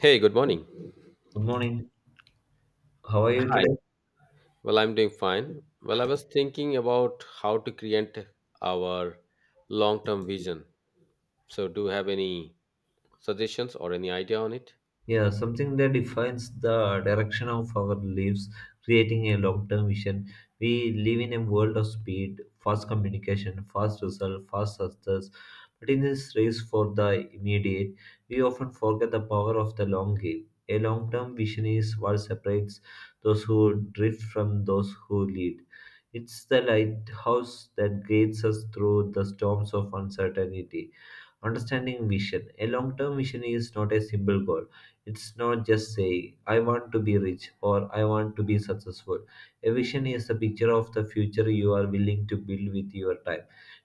Hey, good morning. Good morning. How are you Hi. today? Well, I'm doing fine. Well, I was thinking about how to create our long term vision. So, do you have any suggestions or any idea on it? Yeah, something that defines the direction of our lives, creating a long term vision. We live in a world of speed, fast communication, fast result, fast success. But in this race for the immediate, we often forget the power of the long game. A long term vision is what separates those who drift from those who lead. It's the lighthouse that guides us through the storms of uncertainty. Understanding vision. A long term vision is not a simple goal, it's not just saying, I want to be rich or I want to be successful. A vision is a picture of the future you are willing to build with your time,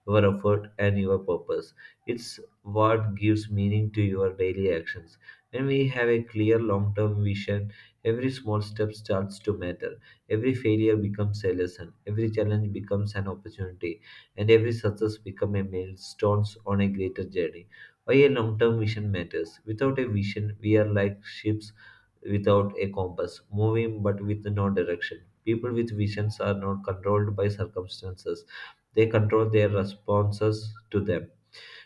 your effort, and your purpose. It's what gives meaning to your daily actions. When we have a clear long term vision, every small step starts to matter. Every failure becomes a lesson, every challenge becomes an opportunity, and every success becomes a milestone on a greater journey. Why a long term vision matters. Without a vision, we are like ships without a compass, moving but with no direction. People with visions are not controlled by circumstances, they control their responses to them.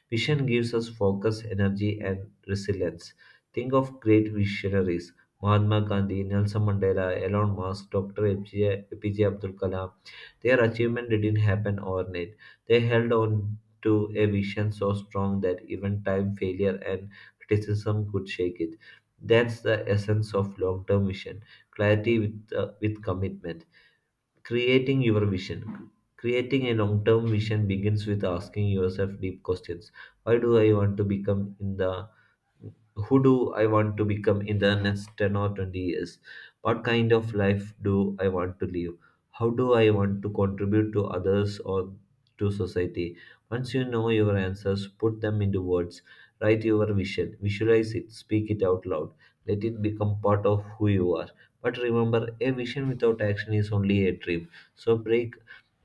Vision gives us focus, energy, and resilience. Think of great visionaries: Mahatma Gandhi, Nelson Mandela, Elon Musk, Dr. APJ Abdul Kalam. Their achievement didn't happen overnight. They held on to a vision so strong that even time, failure, and criticism could shake it. That's the essence of long term vision, clarity with commitment. Creating your vision. Creating a long term vision begins with asking yourself deep questions. Why do I want to become in the Who do I want to become in the next 10 or 20 years? What kind of life do I want to live? How do I want to contribute to others or to society? Once you know your answers, put them into words. Write your vision, visualize it, speak it out loud. Let it become part of who you are. But remember, a vision without action is only a dream. So break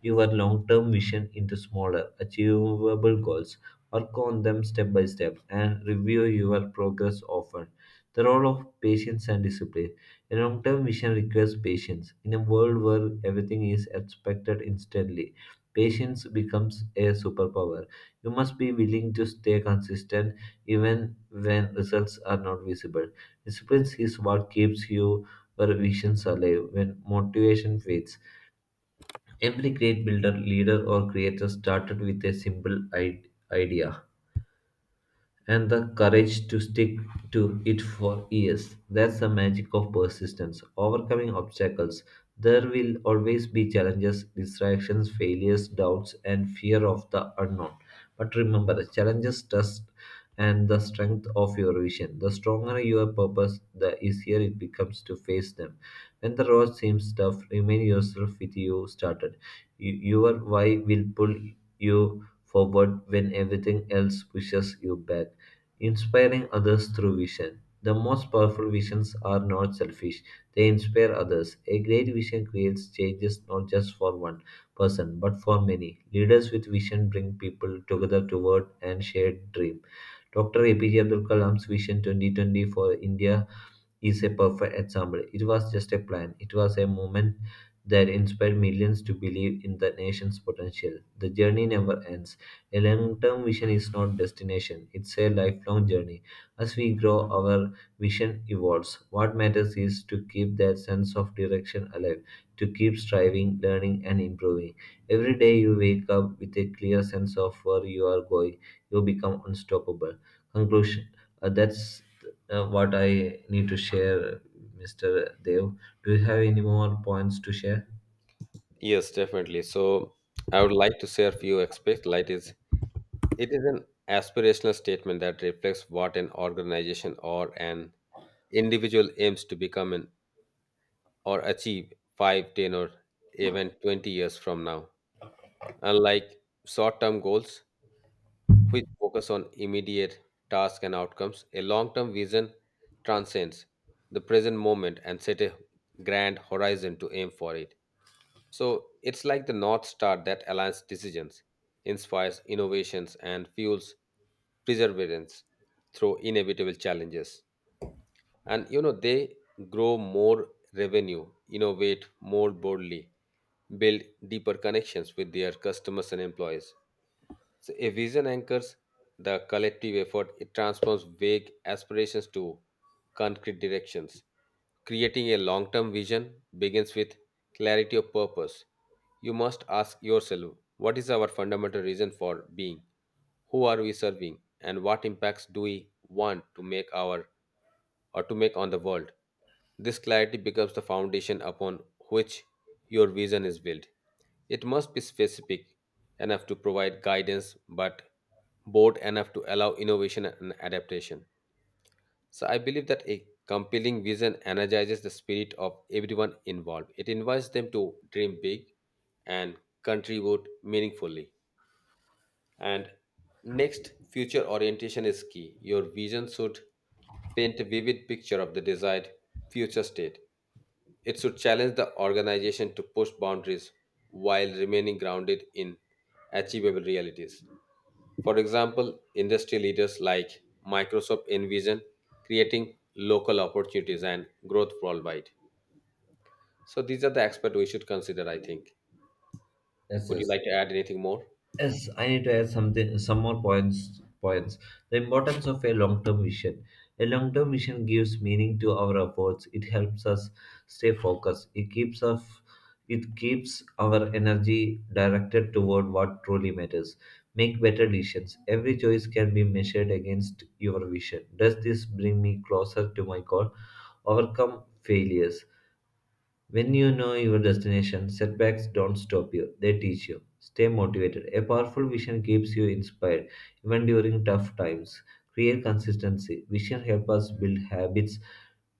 your long term vision into smaller, achievable goals. Work on them step by step and review your progress often. The role of patience and discipline. A long term vision requires patience. In a world where everything is expected instantly, patience becomes a superpower. You must be willing to stay consistent even when results are not visible. Discipline is what keeps your visions alive when motivation fades. Every great builder, leader, or creator started with a simple idea and the courage to stick to it for years. That's the magic of persistence. Overcoming obstacles. There will always be challenges, distractions, failures, doubts, and fear of the unknown. But remember, challenges test and the strength of your vision. The stronger your purpose, the easier it becomes to face them. When the road seems tough, remind yourself with you started. Your why will pull you forward when everything else pushes you back. Inspiring others through vision. The most powerful visions are not selfish, they inspire others. A great vision creates changes not just for one person but for many. Leaders with vision bring people together toward and shared dream. Dr. APJ Abdul Kalam's Vision 2020 for India is a perfect example. It was just a plan, it was a moment that inspired millions to believe in the nation's potential. The journey never ends. A long term vision is not destination, it's a lifelong journey. As we grow, our vision evolves. What matters is to keep that sense of direction alive, to keep striving, learning, and improving. Every day you wake up with a clear sense of where you are going, you become unstoppable. Conclusion. That's what I need to share, Mr. Dev. Do you have any more points to share? Yes, definitely. So, I would like to share few aspects. Like is it is an aspirational statement that reflects what an organization or an individual aims to become or achieve 5, 10, or even 20 years from now. Unlike short term goals, which focus on immediate tasks and outcomes, a long-term vision transcends the present moment and set a grand horizon to aim for it. So it's like the North Star that aligns decisions, inspires innovations, and fuels perseverance through inevitable challenges. And they grow more revenue, innovate more boldly, build deeper connections with their customers and employees, so a vision anchors the collective effort; it transforms vague aspirations to concrete directions. Creating a long term vision begins with clarity of purpose. You must ask yourself, what is our fundamental reason for being? Who are we serving? And what impacts do we want to make on the world? This clarity becomes the foundation upon which your vision is built. It must be specific enough to provide guidance, but broad enough to allow innovation and adaptation. So I believe that a compelling vision energizes the spirit of everyone involved. It invites them to dream big and contribute meaningfully. And next, future orientation is key. Your vision should paint a vivid picture of the desired future state. It should challenge the organization to push boundaries while remaining grounded in achievable realities. For example, industry leaders like Microsoft envision creating local opportunities and growth worldwide. So these are the aspects we should consider, I think. Yes, Would you yes. like to add anything more? Yes, I need to add something, some more points. The importance of a long-term vision. A long-term vision gives meaning to our efforts. It helps us stay focused. It keeps our energy directed toward what truly matters. Make better decisions. Every choice can be measured against your vision. Does this bring me closer to my goal? Overcome failures. When you know your destination, setbacks don't stop you, they teach you. Stay motivated. A powerful vision keeps you inspired even during tough times. Create consistency. Vision helps us build habits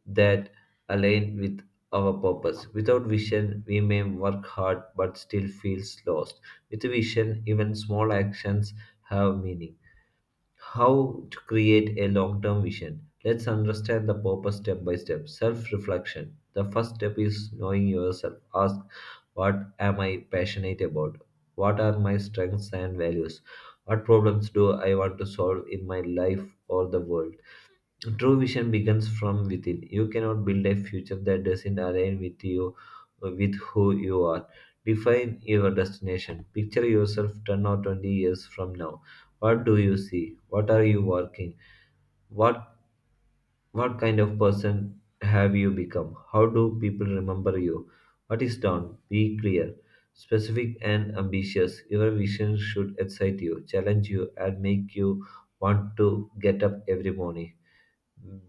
that align with our purpose. Without vision, we may work hard but still feels lost. With vision, even small actions have meaning. How to create a long term vision? Let's understand the purpose step by step. Self reflection. The first step is knowing yourself. Ask, what am I passionate about? What are my strengths and values? What problems do I want to solve in my life or the world? True vision begins from within. You cannot build a future that doesn't align with you, with who you are. Define your destination. Picture yourself 10 or 20 years from now. What do you see? What are you working? What what kind of person have you become? How do people remember you? What is done? Be clear, specific and ambitious. Your vision should excite you, challenge you, and make you want to get up every morning.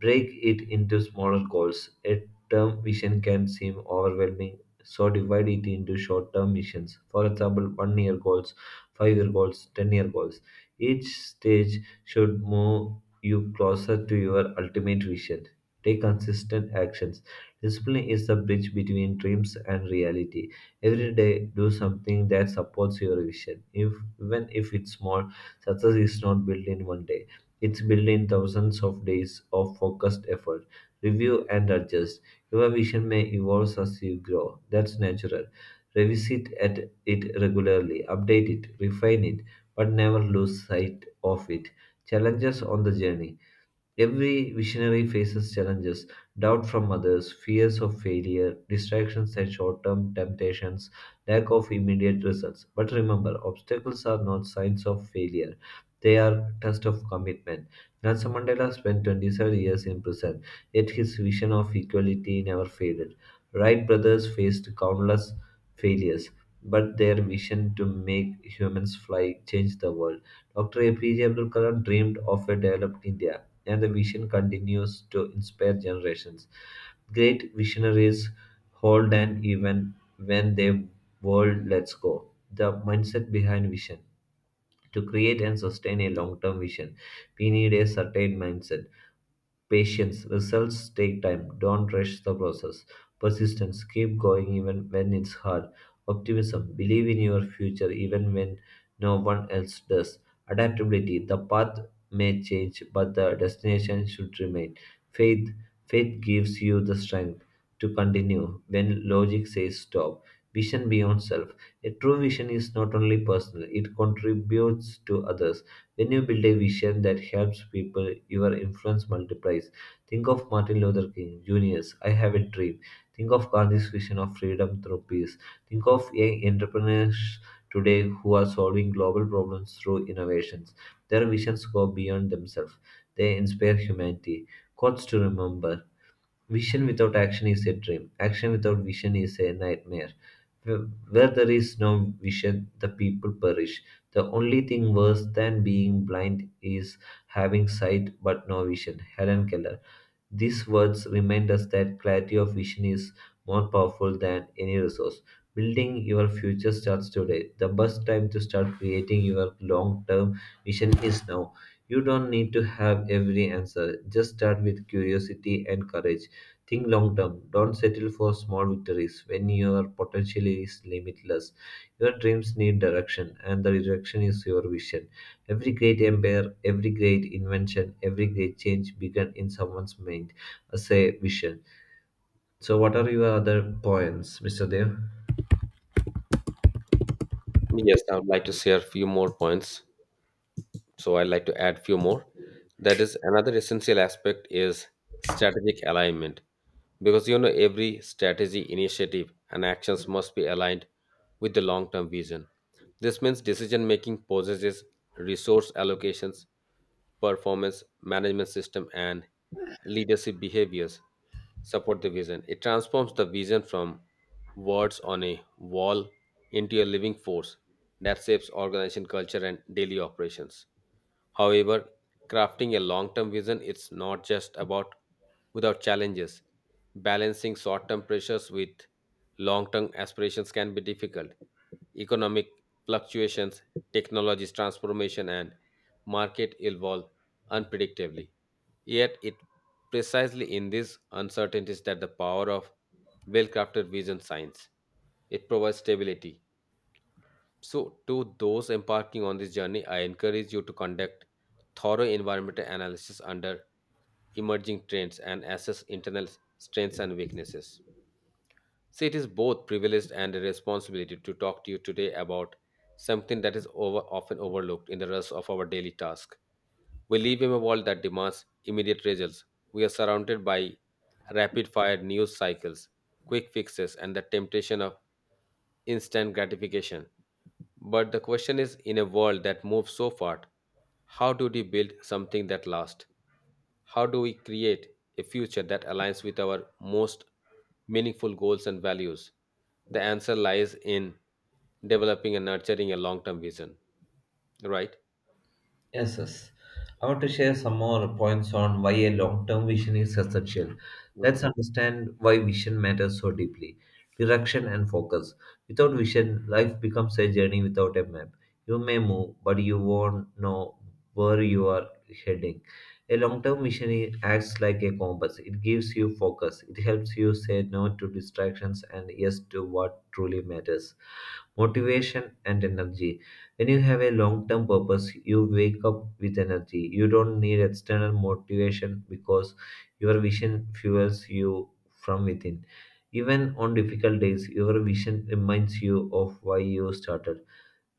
Break it into smaller goals. A term mission can seem overwhelming, so divide it into short term missions. For example, one year goals, 5 year goals, 10 year goals. Each stage should move you closer to your ultimate vision. Take consistent actions. Discipline is the bridge between dreams and reality. Every day, do something that supports your vision. If, Even if it's small, success is not built in one day. It's built in thousands of days of focused effort. Review and adjust. Your vision may evolve as you grow. That's natural. Revisit at it regularly, update it, refine it, but never lose sight of it. Challenges on the journey. Every visionary faces challenges, doubt from others, fears of failure, distractions and short term temptations, lack of immediate results. But remember, obstacles are not signs of failure. They are test of commitment. Nelson Mandela spent 27 years in prison, yet his vision of equality never faded. Wright brothers faced countless failures, but their vision to make humans fly changed the world. Dr. APJ Abdul Kalam dreamed of a developed India, and the vision continues to inspire generations. Great visionaries hold an even when the world lets go. The mindset behind vision. To create and sustain a long term vision, we need a certain mindset. Patience, results take time, don't rush the process. Persistence, keep going even when it's hard. Optimism, believe in your future even when no one else does. Adaptability, the path may change, but the destination should remain. Faith, Faith gives you the strength to continue when logic says stop. Vision beyond self. A true vision is not only personal, it contributes to others. When you build a vision that helps people, your influence multiplies. Think of Martin Luther King Jr.'s I Have a Dream. Think of Gandhi's vision of freedom through peace. Think of young entrepreneurs today who are solving global problems through innovations. Their visions go beyond themselves, they inspire humanity. Quotes to remember. Vision without action is a dream. Action without vision is a nightmare. Where where there is no vision, the people perish. The only thing worse than being blind is having sight but no vision. Helen Keller. These words remind us that clarity of vision is more powerful than any resource. Building your future starts today. The best time to start creating your long term vision is now. You don't need to have every answer. Just start with curiosity and courage. Think long term. Don't settle for small victories when your potential is limitless. Your dreams need direction, and the direction is your vision. Every great empire, every great invention, every great change began in someone's mind as a vision. So, what are your other points, Mr. Dev? Yes, I would like to share a few more points. So I'd like to add few more. That is, another essential aspect is strategic alignment, because every strategy initiative and actions must be aligned with the long term vision. This means decision making possesses, resource allocations, performance management system, and leadership behaviors support the vision. It transforms the vision from words on a wall into a living force that shapes organization culture and daily operations. However, crafting a long-term vision, it's not just about without challenges. Balancing short-term pressures with long-term aspirations can be difficult. Economic fluctuations, technology's transformation, and market evolve unpredictably. Yet it precisely in these uncertainties that the power of well-crafted vision shines. It provides stability. So, to those embarking on this journey, I encourage you to conduct thorough environmental analysis under emerging trends and assess internal strengths and weaknesses. So, it is both privilege and a responsibility to talk to you today about something that is often overlooked in the rush of our daily task. We live in a world that demands immediate results. We are surrounded by rapid fire news cycles, quick fixes, and the temptation of instant gratification. But the question is, in a world that moves so fast, how do we build something that lasts? How do we create a future that aligns with our most meaningful goals and values? The answer lies in developing and nurturing a long term vision, right? Yes, yes. I want to share some more points on why a long-term vision is essential. Mhm. Let's understand why vision matters so deeply. Direction and focus. Without vision, life becomes a journey without a map. You may move, but you won't know where you are heading. A long-term vision acts like a compass. It gives you focus. It helps you say no to distractions and yes to what truly matters. Motivation and energy. When you have a long term purpose, you wake up with energy. You don't need external motivation because your vision fuels you from within. Even on difficult days, your vision reminds you of why you started.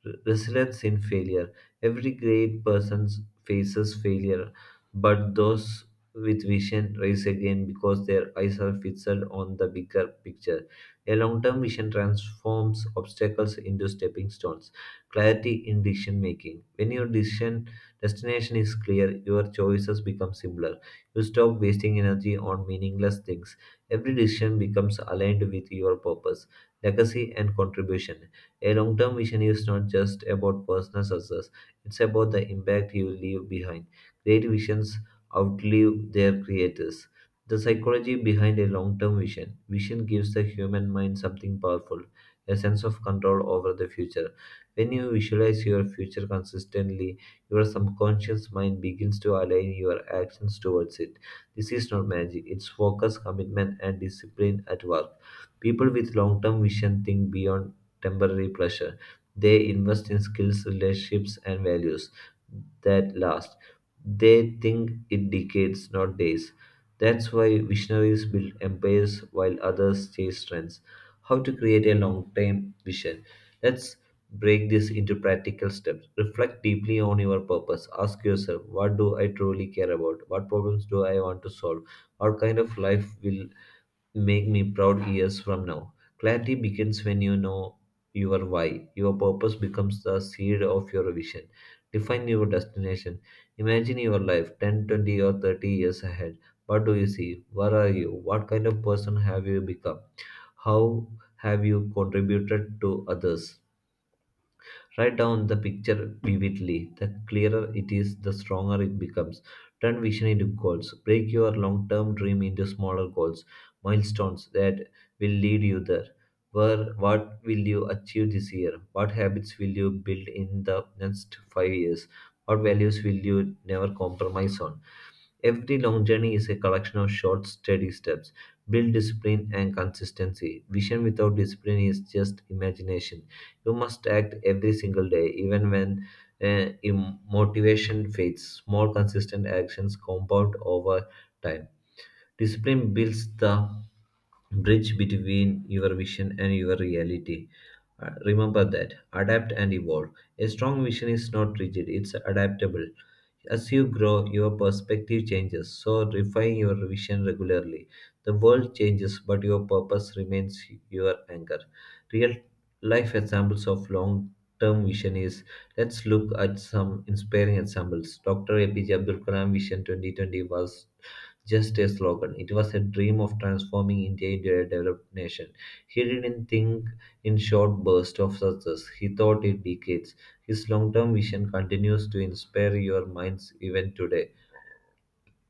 Resilience in failure. Every great person faces failure, but those with vision rise again because their eyes are fixed on the bigger picture. A long term vision transforms obstacles into stepping stones. Clarity in decision making. When your decision destination is clear, your choices become simpler. You stop wasting energy on meaningless things. Every decision becomes aligned with your purpose, legacy, and contribution. A long term vision is not just about personal success, it's about the impact you leave behind. Great visions outlive their creators. The psychology behind a long term vision. Vision gives the human mind something powerful, a sense of control over the future. When you visualize your future consistently, your subconscious mind begins to align your actions towards it. This is not magic, it's focus, commitment, and discipline at work. People with long term vision think beyond temporary pleasure. They invest in skills, relationships, and values that last. They think in decades, not days. That's why visionaries build empires while others chase trends. How to create a long term vision? Let's break this into practical steps. Reflect deeply on your purpose. Ask yourself, what do I truly care about? What problems do I want to solve? What kind of life will make me proud years from now? Clarity begins when you know your why. Your purpose becomes the seed of your vision. Define your destination. Imagine your life 10, 20, or 30 years ahead. What do you see? Where are you? What kind of person have you become? How have you contributed to others? Write down the picture vividly. The clearer it is, the stronger it becomes. Turn vision into goals. Break your long term dream into smaller goals, milestones that will lead you there. Where, what will you achieve this year? What habits will you build in the next 5 years? What values will you never compromise on? Every long journey is a collection of short, steady steps. Build discipline and consistency. Vision without discipline is just imagination. You must act every single day, even when motivation fades. Small, consistent actions compound over time. Discipline builds the bridge between your vision and your reality. Remember that, adapt and evolve. A strong vision is not rigid, it's adaptable. As you grow, your perspective changes, so refine your vision regularly. The world changes, but your purpose remains your anchor. Real life examples of long term vision is, let's look at some inspiring examples. Dr. APJ Abdul Kalam Vision 2020 was just a slogan. It was a dream of transforming India into a developed nation. He didn't think in short bursts of success, he thought in decades. His long term vision continues to inspire your minds even today.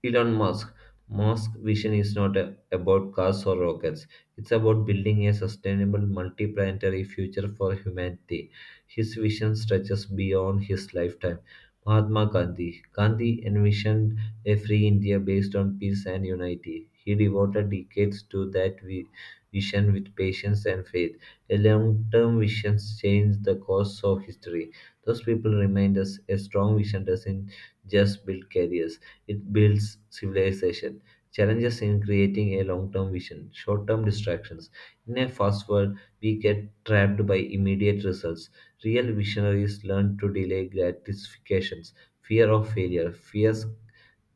Elon Musk. Musk's vision is not a- about cars or rockets. It's about building a sustainable multi-planetary future for humanity. His vision stretches beyond his lifetime. Mahatma Gandhi. Gandhi envisioned a free India based on peace and unity. He devoted decades to that vision with patience and faith. A long-term vision changed the course of history. Those people remind us a strong vision doesn't just build careers. It builds civilization. Challenges in creating a long term vision, short term distractions. In a fast world, we get trapped by immediate results. Real visionaries learn to delay gratifications. Fear of failure, fears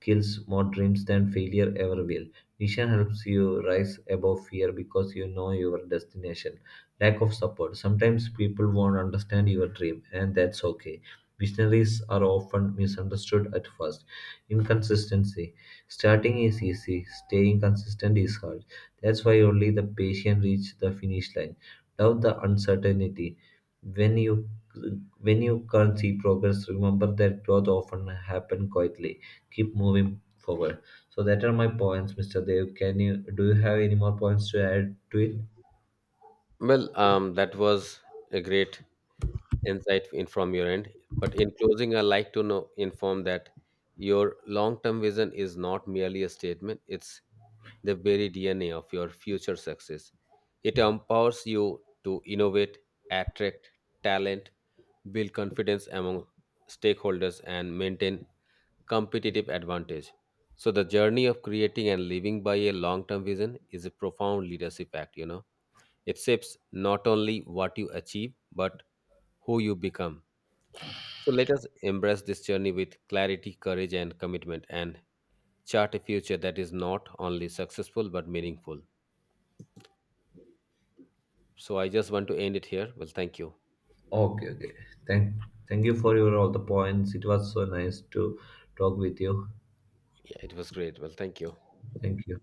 kills more dreams than failure ever will. Vision helps you rise above fear because you know your destination. Lack of support. Sometimes people won't understand your dream, and that's okay. Visionaries are often misunderstood at first. Inconsistency. Starting is easy, staying consistent is hard. That's why only the patient reach the finish line. Doubt the uncertainty. When you when you can't see progress, remember that growth often happen quietly. Keep moving forward. So that are my points, Mr. Dev. Can you do you have any more points to add to it? Well, that was a great insight in from your end. But in closing, I'd like to know, inform that your long-term vision is not merely a statement; it's the very DNA of your future success. It empowers you to innovate, attract talent, build confidence among stakeholders, and maintain competitive advantage. So, the journey of creating and living by a long-term vision is a profound leadership act. You know. It shapes not only what you achieve, but who you become. So let us embrace this journey with clarity, courage, and commitment and chart a future that is not only successful but meaningful. So I just want to end it here. Well, thank you. Okay, okay. Thank thank you for your all the points. It was so nice to talk with you. Yeah, it was great. Well, thank you. Thank you.